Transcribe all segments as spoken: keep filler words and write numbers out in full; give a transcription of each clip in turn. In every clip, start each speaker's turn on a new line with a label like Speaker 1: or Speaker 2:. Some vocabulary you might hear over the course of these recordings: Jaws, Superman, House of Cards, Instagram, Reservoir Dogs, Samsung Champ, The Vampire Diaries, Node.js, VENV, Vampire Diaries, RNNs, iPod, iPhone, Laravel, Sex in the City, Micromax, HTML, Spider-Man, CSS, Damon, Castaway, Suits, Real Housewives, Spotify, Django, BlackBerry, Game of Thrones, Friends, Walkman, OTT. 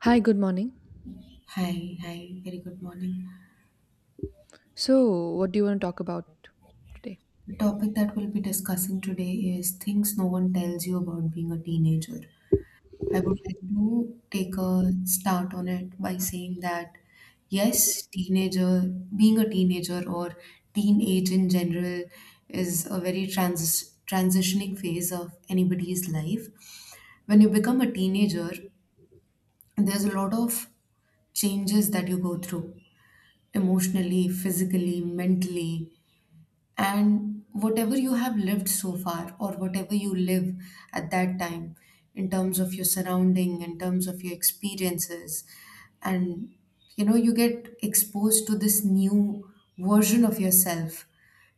Speaker 1: Hi, good morning.
Speaker 2: Hi, hi, very good morning.
Speaker 1: So, what do you want to talk about today?
Speaker 2: The topic that we'll be discussing today is things no one tells you about being a teenager. I would like to take a start on it by saying that yes, teenager, being a teenager or teenage in general is a very trans- transitioning phase of anybody's life. When you become a teenager, there's a lot of changes that you go through emotionally, physically, mentally, and whatever you have lived so far or whatever you live at that time in terms of your surrounding, in terms of your experiences and you know you get exposed to this new version of yourself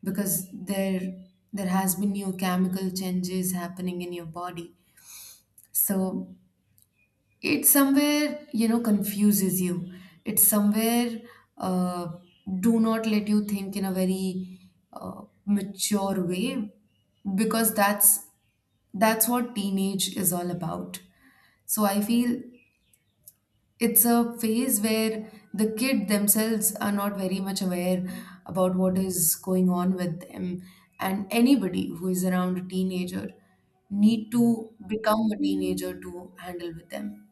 Speaker 2: because there there has been new chemical changes happening in your body. So it somewhere you know confuses you. It somewhere, uh, do not let you think in a very uh, mature way because that's that's what teenage is all about. So I feel it's a phase where the kid themselves are not very much aware about what is going on with them, and anybody who is around a teenager need to become a teenager to handle with them.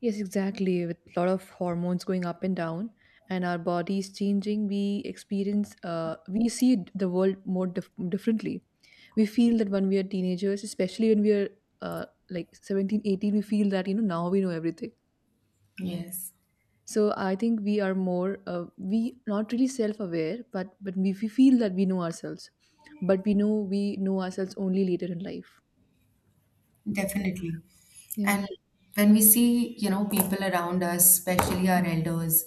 Speaker 1: Yes, exactly. With a lot of hormones going up and down, and our bodies changing, we experience, uh, we see the world more dif- differently. We feel that when we are teenagers, especially when we are uh, like seventeen, eighteen, we feel that, you know, now we know everything.
Speaker 2: Yes.
Speaker 1: So, I think we are more, uh, we not really self aware, but, but we, we feel that we know ourselves. But we know we know ourselves only later in life.
Speaker 2: Definitely.
Speaker 1: Yeah.
Speaker 2: And when we see, you know, people around us, especially our elders,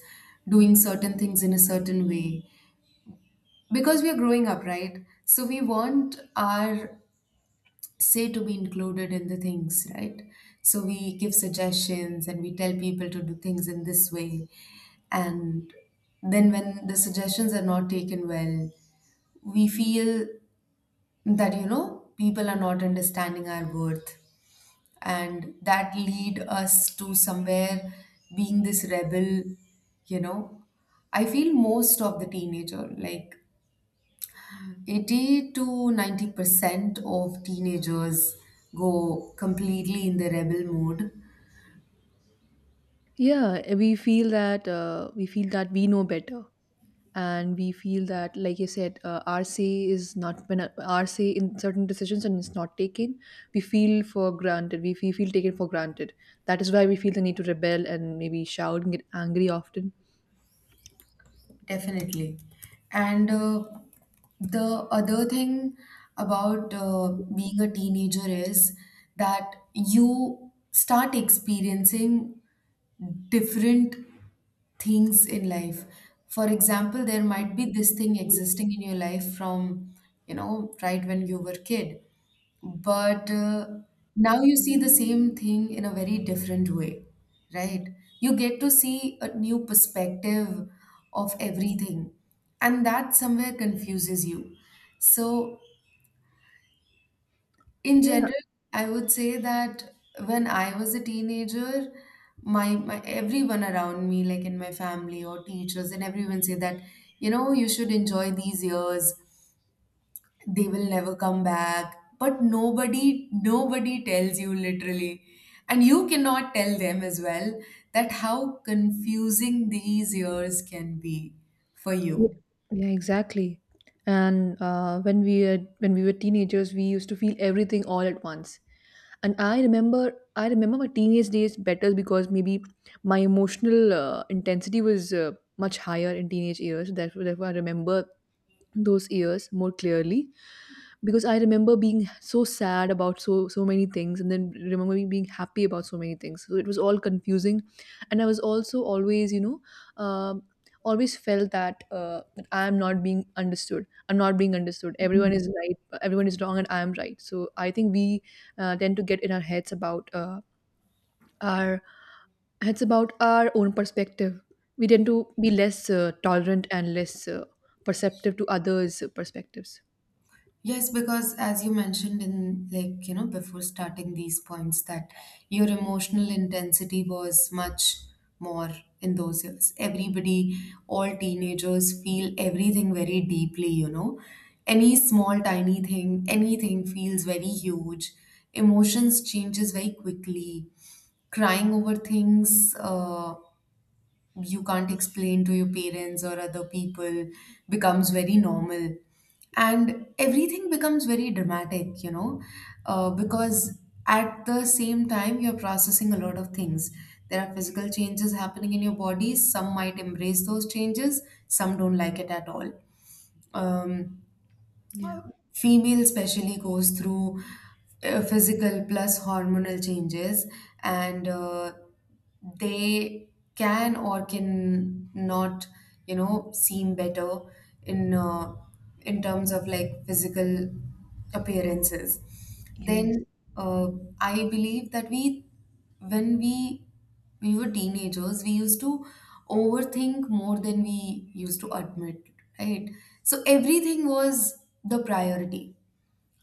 Speaker 2: doing certain things in a certain way, because we are growing up, right? So we want our say to be included in the things, right? So we give suggestions and we tell people to do things in this way. And then when the suggestions are not taken well, we feel that, you know, people are not understanding our worth, and that lead us to somewhere being this rebel. You know, I feel most of the teenager, like eighty to ninety percent of teenagers, go completely in the rebel mode.
Speaker 1: Yeah, eh, we feel that uh, we feel that we know better, and we feel that, like you said, uh, our say is not when uh, our say in certain decisions and it's not taken, we feel for granted. We feel, feel taken for granted. That is why we feel the need to rebel and maybe shout and get angry often.
Speaker 2: Definitely. And uh, the other thing about uh, being a teenager is that you start experiencing different things in life. For example, there might be this thing existing in your life from, you know, right when you were kid, but uh, now you see the same thing in a very different way, right? You get to see a new perspective of everything, and that somewhere confuses you. So in
Speaker 1: Yeah,
Speaker 2: general, I would say that when I was a teenager, my, my everyone around me, like in my family or teachers and everyone say that, you know, you should enjoy these years. They will never come back. But nobody, nobody tells you literally. And you cannot tell them as well that how confusing these years can be for
Speaker 1: Ye-
Speaker 2: you.
Speaker 1: Yeah, exactly. And uh, when we had, when we were teenagers, we used to feel everything all at once. And I remember I remember my teenage days better because maybe my emotional uh, intensity was uh, much higher in teenage years. Therefore, therefore, I remember those years more clearly because I remember being so sad about so so many things and then remember me being happy about so many things, so it was all confusing. And I was also always you know um always felt that uh, that I am not being understood i'm not being understood Everyone is right, everyone is wrong, and I am right. So I think we uh, tend to get in our heads about uh, our it's about our own perspective. We tend to be less uh, tolerant and less uh, perceptive to others perspectives.
Speaker 2: Yes, because as you mentioned in, like, you know, before starting these points that your emotional intensity was much more in those years. Everybody, all teenagers feel everything very deeply, you know. Any small tiny thing, anything feels very huge. Emotions changes very quickly. Crying over things, uh, you can't explain to your parents or other people, becomes very normal, and everything becomes very dramatic. You know, uh, because at the same time you're processing a lot of things. There are physical changes happening in your body. Some might embrace those changes, some don't like it at all. Um,
Speaker 1: Yeah,
Speaker 2: Female especially goes through uh, physical plus hormonal changes, and uh, they can or can not you know, seem better in uh, in terms of like physical appearances.
Speaker 1: yes,
Speaker 2: Then uh, I believe that we when we we were teenagers, we used to overthink more than we used to admit, right? So everything was the priority,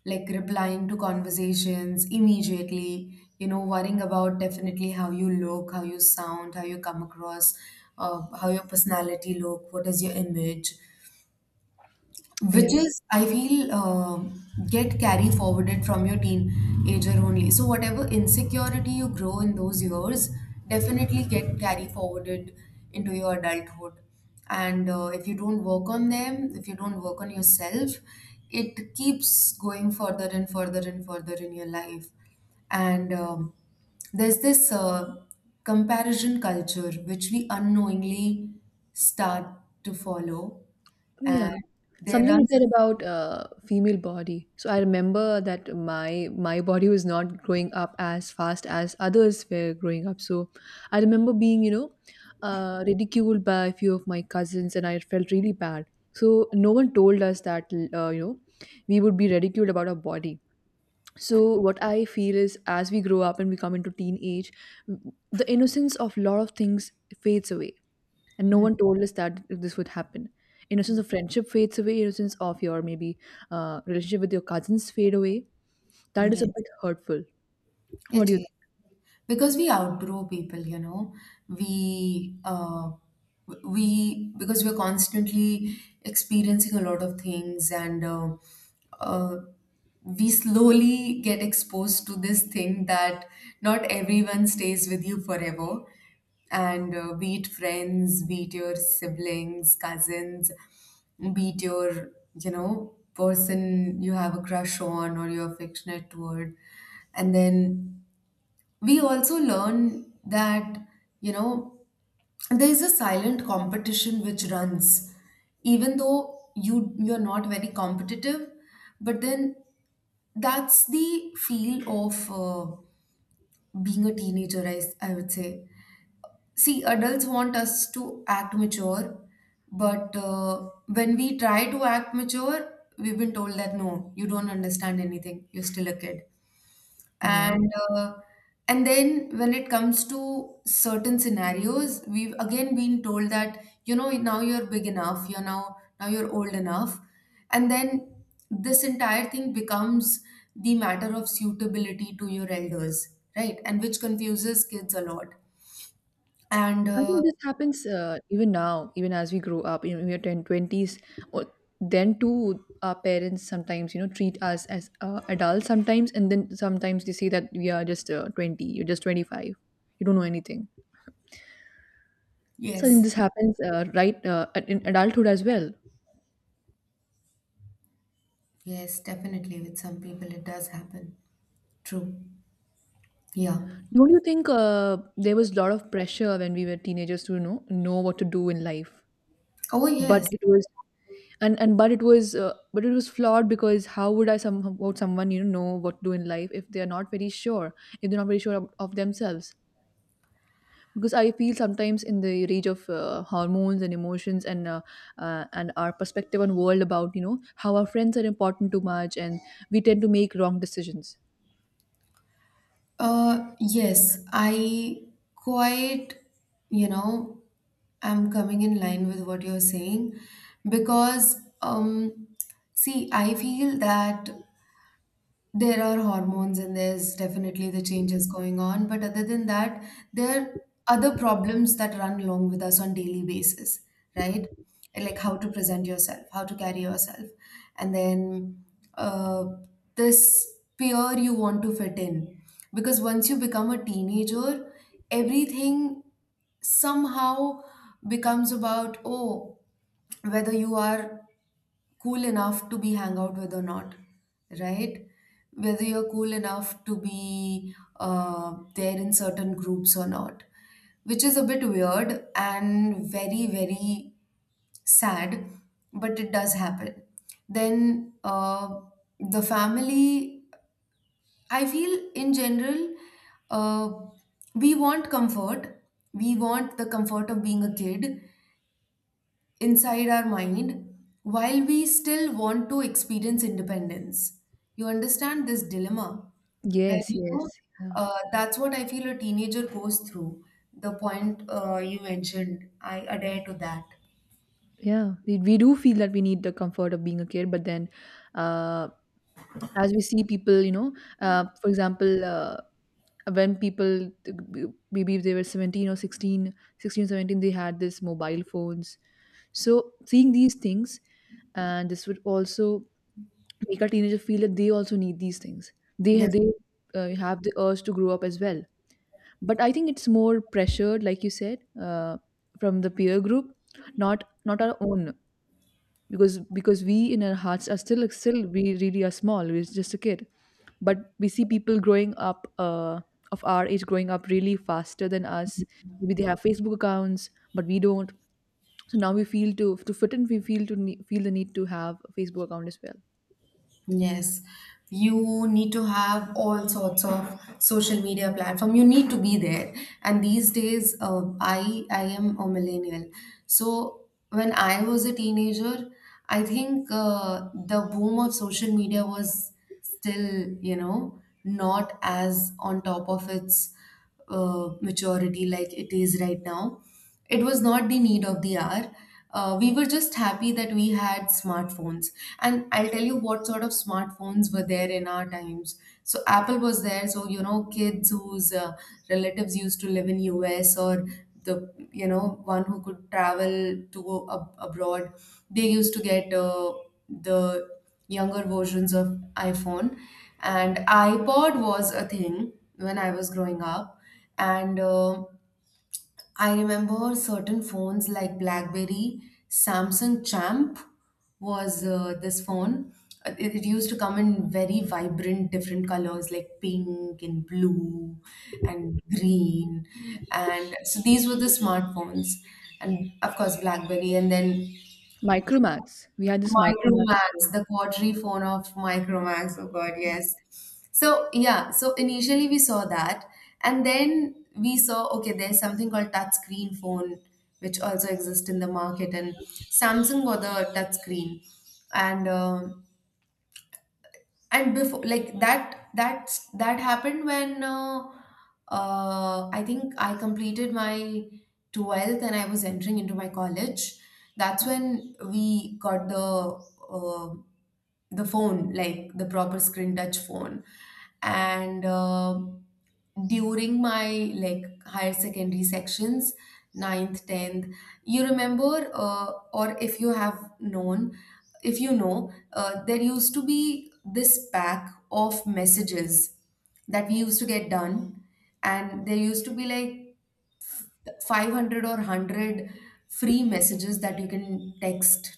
Speaker 2: like replying to conversations immediately, you know, worrying about definitely how you look, how you sound, how you come across, uh, how your personality look, what is your image,
Speaker 1: yeah,
Speaker 2: which is, I feel, uh, get carry forwarded from your teenager only. So whatever insecurity you grow in those years definitely get carry forwarded into your adulthood. And uh, if you don't work on them, if you don't work on yourself, it keeps going further and further and further in your life. And um, there's this uh, comparison culture which we unknowingly start to follow,
Speaker 1: yeah.
Speaker 2: and they
Speaker 1: Something you
Speaker 2: run.
Speaker 1: said about uh, female body, so I remember that my my body was not growing up as fast as others were growing up. So I remember being you know uh, ridiculed by a few of my cousins, and I felt really bad. So no one told us that uh, you know we would be ridiculed about our body. So what I feel is, as we grow up and we come into teenage, the innocence of lot of things fades away, and no
Speaker 2: Hmm.
Speaker 1: one told us that this would happen. Innocence of friendship fades away, innocence of your maybe uh, relationship with your cousins fade away. That is a
Speaker 2: Yes,
Speaker 1: bit hurtful. What
Speaker 2: it
Speaker 1: do you
Speaker 2: is. Because we outgrow people, you know. we uh, we, because we're constantly experiencing a lot of things, and uh, uh, we slowly get exposed to this thing that not everyone stays with you forever. And uh, be it friends, be it your siblings, cousins, be it your, you know, person you have a crush on or you're affectionate toward. And then we also learn that, you know, there is a silent competition which runs even though you you're not very competitive, but then that's the feel of uh, being a teenager. I, s- I would say, see, adults want us to act mature, but uh, when we try to act mature, we've been told that no, you don't understand anything, you're still a kid.
Speaker 1: think?
Speaker 2: And uh, and then when it comes to certain scenarios, we've again been told that, you know, now you're big enough, you're now now you're old enough. And then this entire thing becomes the matter of suitability to your elders, right? And which confuses kids a lot. And
Speaker 1: I
Speaker 2: uh,
Speaker 1: think this happens uh, even now, even as we grow up, you know, we are ten, twenties. Or then too, our parents sometimes, you know, treat us as uh, adults sometimes, and then sometimes they say that we are just uh, twenty, you're just twenty-five, you don't know anything. So I think
Speaker 2: yes,
Speaker 1: this happens uh, right uh, at- in adulthood as well.
Speaker 2: yes, definitely, with some people it does happen. True. Yeah.
Speaker 1: Don't you think uh, there was a lot of pressure when we were teenagers to you know know what to do in life,
Speaker 2: Oh
Speaker 1: but
Speaker 2: yes.
Speaker 1: it was and and but it was uh, but it was flawed because how would I some about someone you know know what to do in life if they are not very sure, if they're not very sure of, of themselves. Because I feel sometimes in the rage of uh, hormones and emotions and uh, uh, and our perspective on world about you know how our friends are important too much, and we tend to make wrong decisions.
Speaker 2: Uh, yes, I quite, you know, I'm coming in line with what you're saying because, um, see, I feel that there are hormones and there's definitely the changes going on, but other than that, there are other problems that run along with us on daily basis, right? Like how to present yourself, how to carry yourself, and then, uh, this peer you want to fit in. Because once you become a teenager, everything somehow becomes about, oh, whether you are cool enough to be hang out with or not, right? Whether you're cool enough to be uh, there in certain groups or not, which is a bit weird and very, very sad, but it does happen. Then uh, the family, I feel, in general, uh, we want comfort. We want the comfort of being a kid inside our mind while we still want to experience independence. You understand this dilemma where,
Speaker 1: Yes,
Speaker 2: you know,
Speaker 1: yes, yeah.
Speaker 2: uh, that's what I feel a teenager goes through. The point uh, you mentioned, I adhere to that.
Speaker 1: Yeah, we, we do feel that we need the comfort of being a kid, but then uh as we see people you know uh, for example uh, when people maybe if they were seventeen or sixteen, sixteen, seventeen, they had this mobile phones. So seeing these things, and this would also make a teenager feel that they also need these things, they they uh, have the urge to grow up as well. But I think it's more pressured, like you said, uh, from the peer group, not not our own. Because because we in our hearts are still still we really are small, we're just a kid. But we see people growing up uh, of our age growing up really faster than us. Maybe they have Facebook accounts, but we don't. So now we feel to to fit in, we feel to ne- feel the need to have a Facebook account as well.
Speaker 2: Yes, you need to have all sorts of social media platform. You need to be there. And these days, uh, I I am a millennial. So when I was a teenager, I think uh, the boom of social media was still, you know, not as on top of its uh, maturity like it is right now. It was not the need of the hour. Uh, we were just happy that we had smartphones. And I'll tell you what sort of smartphones were there in our times. So Apple was there. So you know, kids whose uh, relatives used to live in U S, or the, you know, one who could travel to ab- abroad, they used to get uh, the younger versions of iPhone. And iPod was a thing when I was growing up, and. Uh, I remember certain phones like BlackBerry, Samsung Champ was uh, this phone. Uh, It, it used to come in very vibrant, different colors like pink and blue and green. And so these were the smartphones. And of course, BlackBerry. And then
Speaker 1: Micromax, we had this Micromax
Speaker 2: Micromax,
Speaker 1: phone.
Speaker 2: the quadri phone of Micromax. Oh God, yes. So yeah, so initially we saw that, and then we saw, okay, there's something called touch screen phone, which also exists in the market, and Samsung got the touch screen. And uh, and before like that that's that happened when uh, uh, I think I completed my twelfth and I was entering into my college. That's when we got the uh, the phone, like the proper screen touch phone. And uh, during my like higher secondary sections, ninth, tenth, you remember, uh, or if you have known, if you know, uh, there used to be this pack of messages that we used to get done, and there used to be like five hundred or hundred free messages that you can text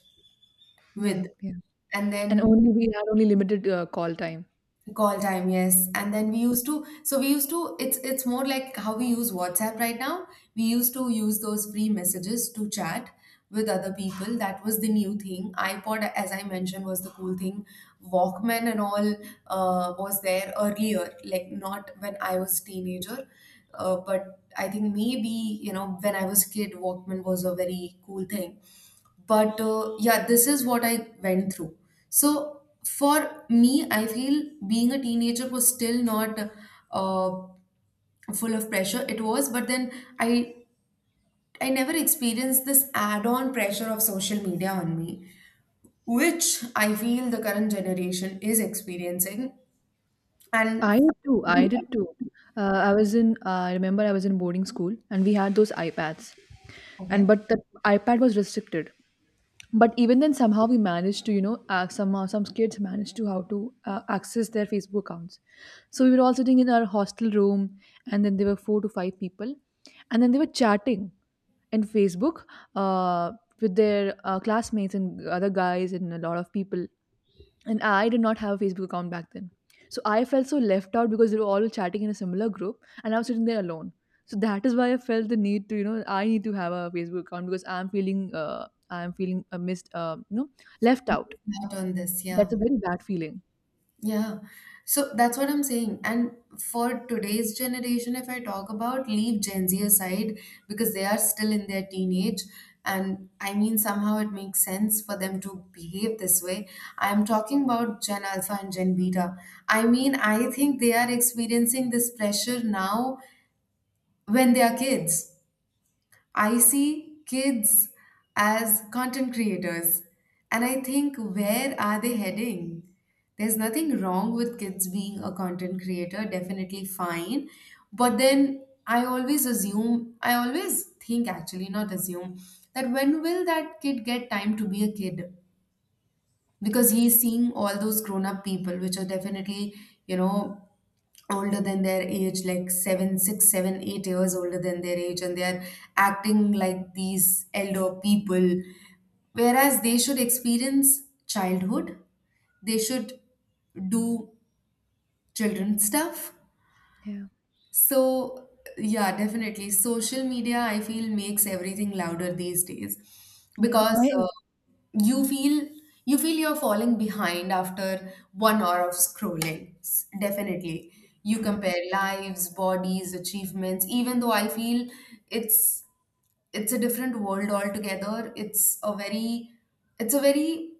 Speaker 1: Yeah,
Speaker 2: with.
Speaker 1: yeah.
Speaker 2: And
Speaker 1: And
Speaker 2: then
Speaker 1: only we had only limited uh, call time.
Speaker 2: call time, yes. And then we used to, so we used to, it's it's more like how we use WhatsApp right now. We used to use those free messages to chat with other people. That was the new thing. iPod, as I mentioned, was the cool thing. Walkman and all uh, was there earlier, like not when I was teenager, uh, but I think maybe, you know, when I was kid, Walkman was a very cool thing. But uh, yeah, this is what I went through. So for me, I feel being a teenager was still not uh, full of pressure. It was, but then i i never experienced this add-on pressure of social media on me, which I feel the current generation is experiencing. And
Speaker 1: I did too. I did too. Uh, I was in. Uh, I remember I was in boarding school, and we had those iPads, and
Speaker 2: okay.
Speaker 1: but the iPad was restricted. But even then somehow we managed to you know uh, somehow some kids managed to how to uh, access their Facebook accounts. So we were all sitting in our hostel room, and then there were four to five people, and then they were chatting in Facebook uh, with their uh, classmates and other guys and a lot of people. And I did not have a Facebook account back then. So I felt so left out because they were all chatting in a similar group and I was sitting there alone. So that is why I felt the need to you know I need to have a Facebook account, because I'm feeling uh, I'm feeling uh, missed, uh, you know, left out.
Speaker 2: Not on this. Yeah.
Speaker 1: That's a very bad feeling.
Speaker 2: Yeah. So that's what I'm saying. And for today's generation, if I talk about, leave Gen Z aside because they are still in their teenage. And I mean, somehow it makes sense for them to behave this way. I'm talking about Gen Alpha and Gen Beta. I mean, I think they are experiencing this pressure now when they are kids. I see kids as content creators, and I think where are they heading? There's nothing wrong with kids being a content creator, definitely fine. But then I always assume, I always think actually, not assume, that when will that kid get time to be a kid? Because he's seeing all those grown up people, which are definitely, you know, older than their age, like seven, six, seven, eight years older than their age, and they are acting like these elder people. Whereas they should experience childhood, they should do children stuff,
Speaker 1: Yeah,
Speaker 2: so, yeah, definitely. Social media, I feel, makes everything louder these days
Speaker 1: yeah,
Speaker 2: because
Speaker 1: I
Speaker 2: uh, you feel you feel you're falling behind after one hour of scrolling. S- Definitely. You
Speaker 1: yeah,
Speaker 2: compare lives, bodies, achievements, even though I feel it's it's a different world altogether. It's a very it's a very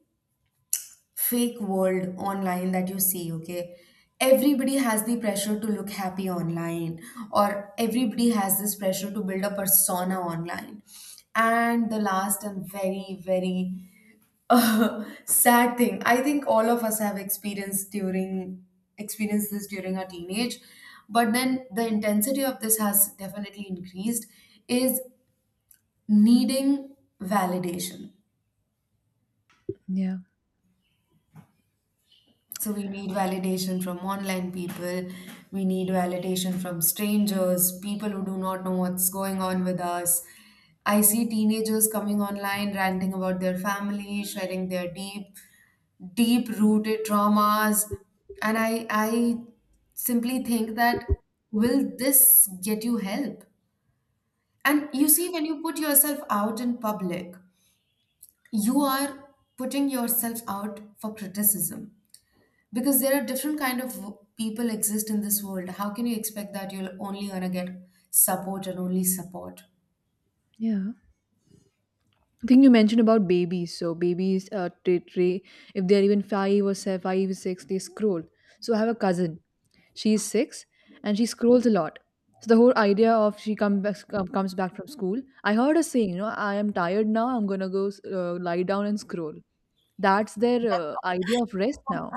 Speaker 2: fake world online that you see, okay? Everybody has the pressure to look happy online, or everybody has this pressure to build a persona online. And the last and very, very uh, sad thing, I think all of us have experienced during experienced this during our teenage, but then the intensity of this has definitely increased, is needing validation.
Speaker 1: yeah,
Speaker 2: So we need validation from online people, we need validation from strangers, people who do not know what's going on with us. I see teenagers coming online ranting about their family, sharing their deep, deep rooted traumas. And I I simply think that, will this get you help? And you see, when you put yourself out in public, you are putting yourself out for criticism because there are different kind of people exist in this world. How can you expect that you're only gonna get support and only support?
Speaker 1: yeah. I think you mentioned about babies. So babies, uh, tra- tra- if they're even five or se- five or six, they scroll. So I have a cousin. She's six, and she scrolls a lot. So the whole idea of she come back, com- comes back from school. I heard her saying, you know, I am tired now. I'm gonna go uh, lie down and scroll. That's their uh, idea of rest now.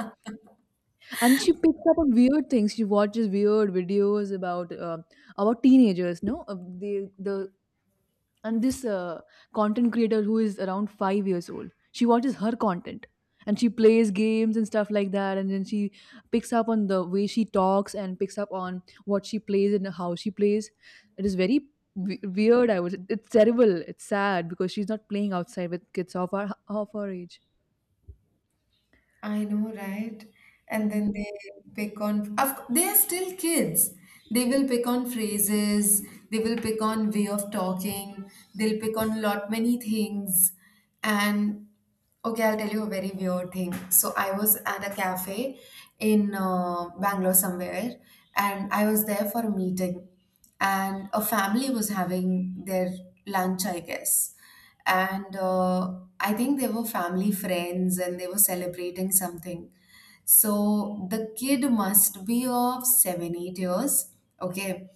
Speaker 1: And she picks up on weird things, she watches weird videos about uh, about teenagers. No. Uh, the the and This uh, content creator who is around five years old, she watches her content, and she plays games and stuff like that, and then she picks up on the way she talks and picks up on what she plays and how she plays. It is very we- weird. I was It's terrible, it's sad, because she's not playing outside with kids of her of her age.
Speaker 2: I know, right? And
Speaker 1: Yeah.
Speaker 2: then they pick on, of, c- they are still kids, they will pick on phrases, they will pick on way of talking, they'll pick on lot many things. And okay, I'll tell you a very weird thing. So I was at a cafe in uh, Bangalore somewhere, and I was there for a meeting, and a family was having their lunch, I guess. And uh, I think they were family friends and they were celebrating something. So the kid must be of seven, eight years. Okay.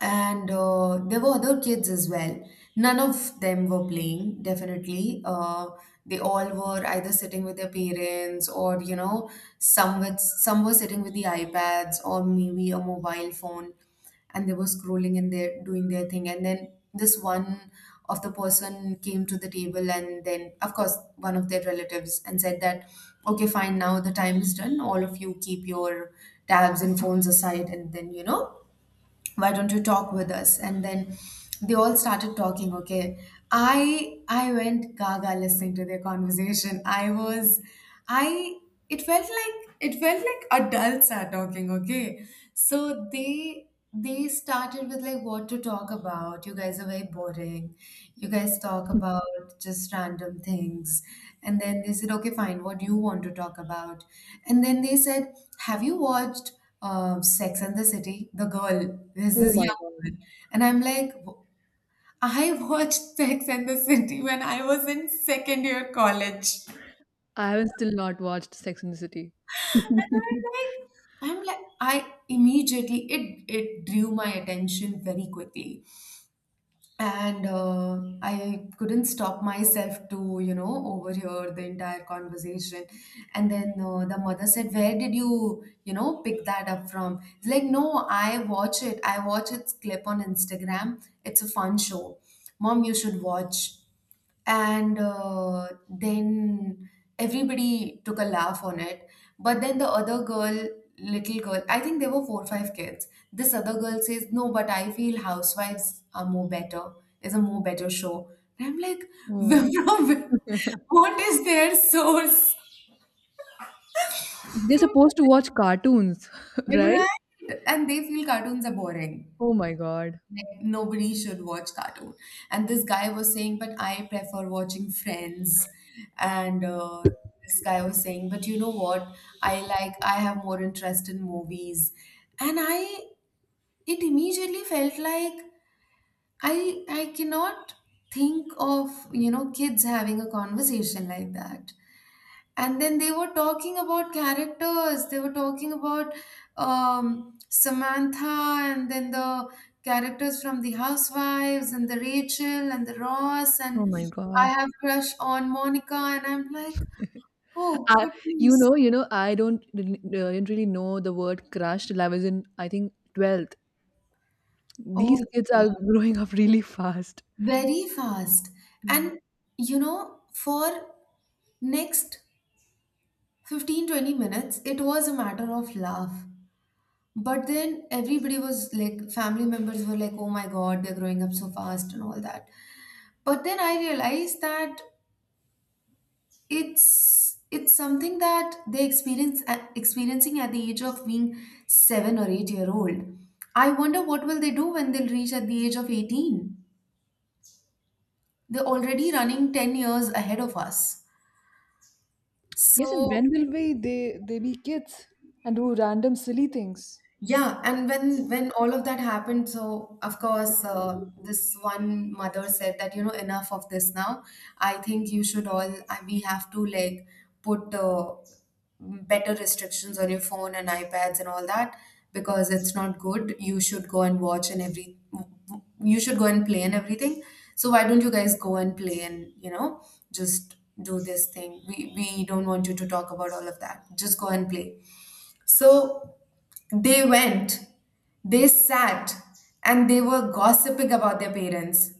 Speaker 2: And uh, there were other kids as well. None of them were playing, definitely. Uh, they all were either sitting with their parents or, you know, some with some were sitting with the iPads or maybe a mobile phone, and they were scrolling and they're doing their thing. And then this one of the person came to the table, and then of course one of their relatives, and said that, okay, fine, now the time is done. All of you keep your tabs and phones aside, and then, you know, why don't you talk with us? And then they all started talking. Okay. I i went gaga listening to their conversation. I was i it felt like it felt like adults are talking. Okay. So they they started with, like, what to talk about? You guys are very boring, you guys talk about just random things. And then they said, okay, fine, what do you want to talk about? And then they said, have you watched uh, Sex and the City, the girl, there's
Speaker 1: Oh
Speaker 2: this
Speaker 1: my
Speaker 2: young
Speaker 1: god.
Speaker 2: girl? And I'm like, "W- I watched Sex and the City when I was in second year college."
Speaker 1: I haven't still not watched Sex in the City.
Speaker 2: And I'm like, I'm like, I immediately, it, it drew my attention very quickly. And uh, I couldn't stop myself to you know overhear the entire conversation. And then uh, the mother said, where did you you know pick that up from? It's like, no, i watch it I watch its clip on Instagram. It's a fun show, mom, you should watch. And uh, then everybody took a laugh on it. But then the other girl, little girl, I think there were four or five kids, this other girl says, no, but I feel housewives are more better, is a more better show. And I'm like,
Speaker 1: Oh.
Speaker 2: from where-
Speaker 1: They're
Speaker 2: what is their source from?
Speaker 1: supposed to watch cartoons, right?
Speaker 2: Right, and they feel cartoons are boring,
Speaker 1: Oh my god.
Speaker 2: like nobody should watch cartoon. And this guy was saying, but I prefer watching Friends. And uh, this guy was saying, but you know what, i like I have more interest in movies. And I it immediately felt like i i cannot think of you know kids having a conversation like that. And then they were talking about characters, they were talking about um, Samantha, and then the characters from the Housewives, and the Rachel and the Ross, and
Speaker 1: Oh my
Speaker 2: I
Speaker 1: god.
Speaker 2: have crush on Monica. And I'm like, oh
Speaker 1: I, you
Speaker 2: goodness.
Speaker 1: know, you know, I don't really- uh, didn't really know the word crush till I was in, I think, twelfth.
Speaker 2: Oh,
Speaker 1: These
Speaker 2: yeah.
Speaker 1: kids are growing up really fast.
Speaker 2: Very fast.
Speaker 1: Yeah.
Speaker 2: And you know for next fifteen twenty minutes it was a matter of love. But then everybody was like, family members were like, oh my God, they're growing up so fast and all that. But then I realized that it's it's something that they experience at, experiencing at the age of being seven or eight year old. I wonder what will they do when they'll reach at the age of eighteen. They're already running ten years ahead of us.
Speaker 1: Yes, and
Speaker 2: So
Speaker 1: when will we they they be kids and do random silly things?
Speaker 2: yeah, and when when all of that happened, so of course, uh, this one mother said that you know enough of this now. I think you should all I- we have to, like, put uh, better restrictions on your phone and iPads and all that because it's not good. You should go and watch and every you should go and play and everything. So why don't you guys go and play and you know just do this thing? We we don't want you to talk about all of that. Just go and play. So they went, they sat, and they were gossiping about their parents.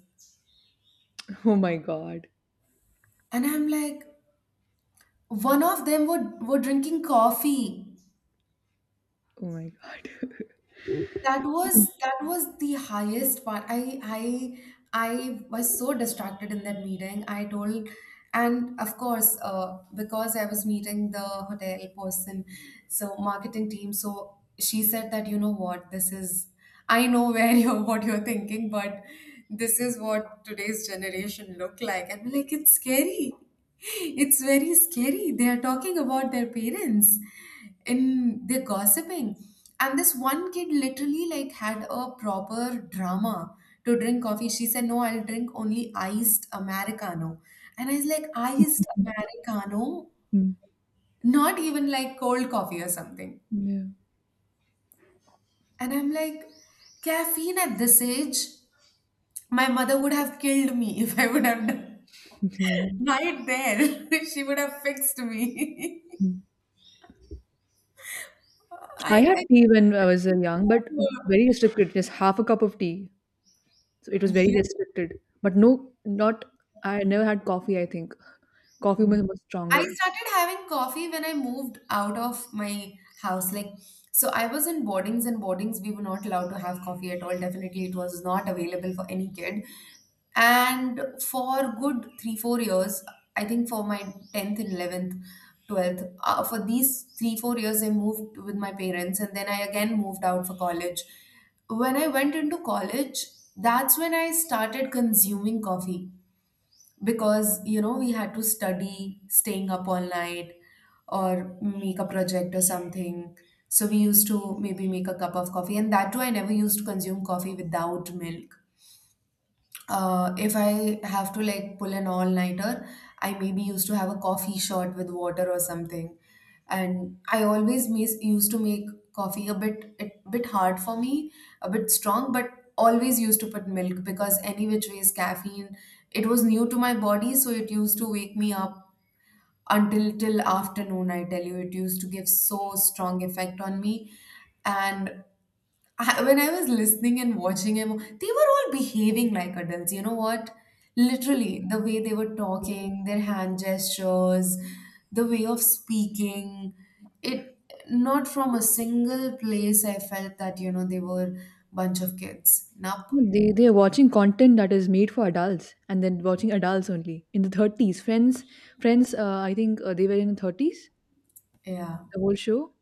Speaker 1: Oh my god.
Speaker 2: And I'm like, one of them were, were drinking coffee.
Speaker 1: Oh my god.
Speaker 2: that was that was the highest part. I i i was so distracted in that meeting, I told. And of course, uh, because I was meeting the hotel person, so marketing team. So she said that, you know what, this is, I know where, you're what you're thinking, but this is what today's generation look like, and like, it's scary. It's very scary. They are talking about their parents and they're gossiping. And this one kid literally, like, had a proper drama to drink coffee. She said, no, I'll drink only iced americano. And I was like, iced americano?
Speaker 1: Hmm.
Speaker 2: Not even like cold coffee or something?
Speaker 1: Yeah.
Speaker 2: And I'm like, caffeine at this age? My mother would have killed me if I would have done right there. She would have fixed me.
Speaker 1: Yeah. I
Speaker 2: I,
Speaker 1: had
Speaker 2: I
Speaker 1: tea when I was uh, young, but very restricted. Just half a cup of tea. So it was very
Speaker 2: Yeah.
Speaker 1: restricted. But no, not. I never had coffee. I think coffee
Speaker 2: Mhm.
Speaker 1: was much
Speaker 2: I
Speaker 1: stronger.
Speaker 2: started having coffee when I moved out of my house. Like, so I was in boardings, and boardings we were not allowed to have coffee at all. Definitely, it was not available for any kid. And for good three, four years, I think for my tenth and eleventh, twelfth, uh, for these three, four years, I moved with my parents, and then I again moved out for college. When I went into college, that's when I started consuming coffee because you know we had to study staying up all night or make a project or something. So we used to maybe make a cup of coffee, and that too, I never used to consume coffee without milk. Uh, if I have to, like, pull an all-nighter, I maybe used to have a coffee shot with water or something. And I always mis- used to make coffee a bit a bit hard for me, a bit strong, but always used to put milk because any which ways caffeine, it was new to my body, so it used to wake me up until till afternoon. I tell you, it used to give so strong effect on me. And I, when I was listening and watching him, they were all behaving like adults. You know what? Literally, the way they were talking, their hand gestures, the way of speaking, it not from a single place I felt that, you know, they were bunch of kids. Nope.
Speaker 1: No, They they are watching content that is made for adults, and then watching adults only in the thirties. Friends, friends. Uh, I think uh, they were in the thirties.
Speaker 2: Yeah.
Speaker 1: The whole show,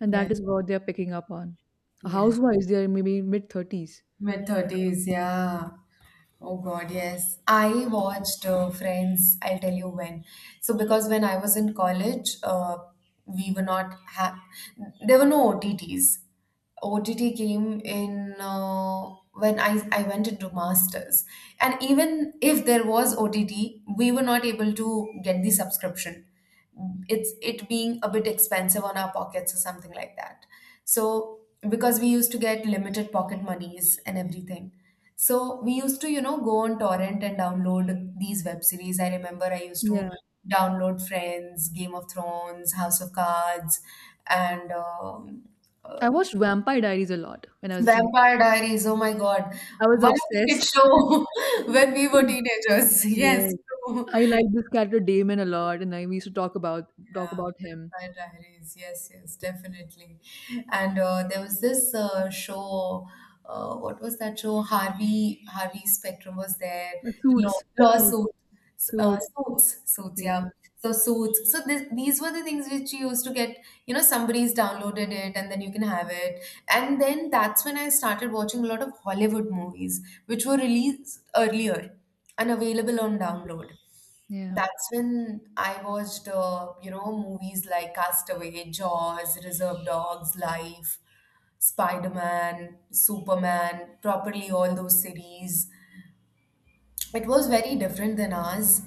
Speaker 1: and that
Speaker 2: Yes.
Speaker 1: is what they are picking up on.
Speaker 2: Yes.
Speaker 1: Housewives, they are maybe mid thirties.
Speaker 2: Mid thirties, yeah. Oh God, yes. I watched uh, Friends, I'll tell you when. So, because when I was in college, uh, we were not ha there were no O T Ts. O T T came in uh, when I, I went into masters. And even if there was O T T, we were not able to get the subscription, it's it being a bit expensive on our pockets or something like that. So because we used to get limited pocket monies and everything, so we used to you know go on torrent and download these web series. I remember I used to
Speaker 1: Yeah,
Speaker 2: download Friends, Game of Thrones, House of Cards, and um,
Speaker 1: I
Speaker 2: uh,
Speaker 1: watched Vampire Diaries a lot when I was a teenager.
Speaker 2: Vampire Diaries. Oh my God,
Speaker 1: I was
Speaker 2: what a great
Speaker 1: obsessed.
Speaker 2: show when we were teenagers. Yes,
Speaker 1: Yes,
Speaker 2: true.
Speaker 1: I like this character Damon a lot, and I we used to talk about talk
Speaker 2: Yeah,
Speaker 1: about him.
Speaker 2: Vampire Diaries. Yes, yes, definitely. And uh, there was this uh, show. Uh, what was that show? Harvey Harvey Spectrum was there.
Speaker 1: Uh,
Speaker 2: Law
Speaker 1: Suits, suits,
Speaker 2: lawsuit, S- uh,
Speaker 1: suits.
Speaker 2: suits, suits.
Speaker 1: Yeah,
Speaker 2: Yeah. So suits. So this, these were the things which you used to get. You know, somebody's downloaded it, and then you can have it. And then that's when I started watching a lot of Hollywood movies, which were released earlier and available on download.
Speaker 1: yeah.
Speaker 2: That's when I watched, uh, you know, movies like Castaway, Jaws, Reserve Dogs, Life, Spider-Man, Superman, properly all those series. It was very different than ours.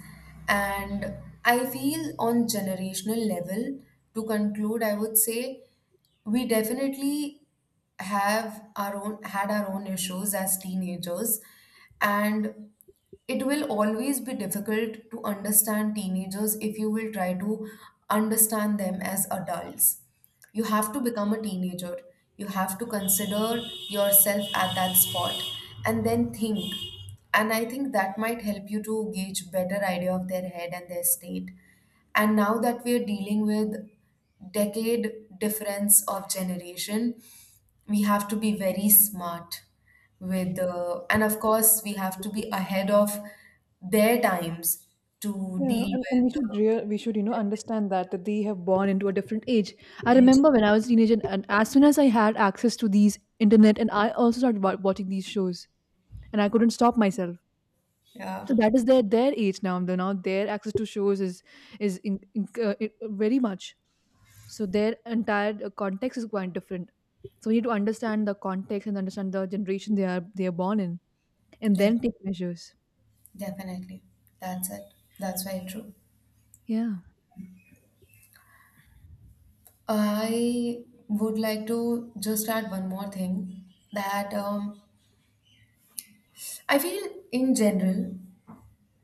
Speaker 2: And I feel on generational level, to conclude, I would say we definitely have our own had our own issues as teenagers, and it will always be difficult to understand teenagers if you will try to understand them as adults. You have to become a teenager. You have to consider yourself at that spot and then think. And I think that might help you to gauge better idea of their head and their state. And now that we are dealing with decade difference of generation, we have to be very smart with uh, and of course we have to be ahead of their times to
Speaker 1: Yeah,
Speaker 2: deal
Speaker 1: and, and
Speaker 2: with
Speaker 1: we
Speaker 2: uh,
Speaker 1: should real we should you know understand that that they have born into a different age. I
Speaker 2: age.
Speaker 1: remember when I was a teenager, and, and as soon as I had access to these internet, and I also started wa- watching these shows, and I couldn't stop myself.
Speaker 2: Yeah,
Speaker 1: So that is their their age now. The now their access to shows is is in, in, uh, it- very much. So their entire uh, context is quite different. So we need to understand the context and understand the generation they are they are born in, and
Speaker 2: def-
Speaker 1: then take measures.
Speaker 2: definitely. That's it. That's very true.
Speaker 1: Yeah,
Speaker 2: I would like to just add one more thing that um, I feel in general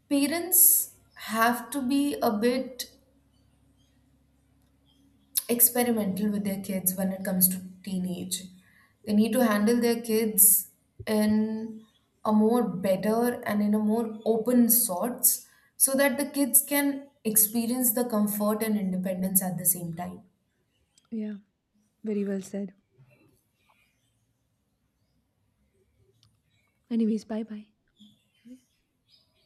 Speaker 2: parents have to be a bit experimental with their kids when it comes to teenage. They need to handle their kids in a more better and in a more open sorts so that the kids can experience the comfort and independence at the same time.
Speaker 1: yeah, very well said. Anyways, bye bye.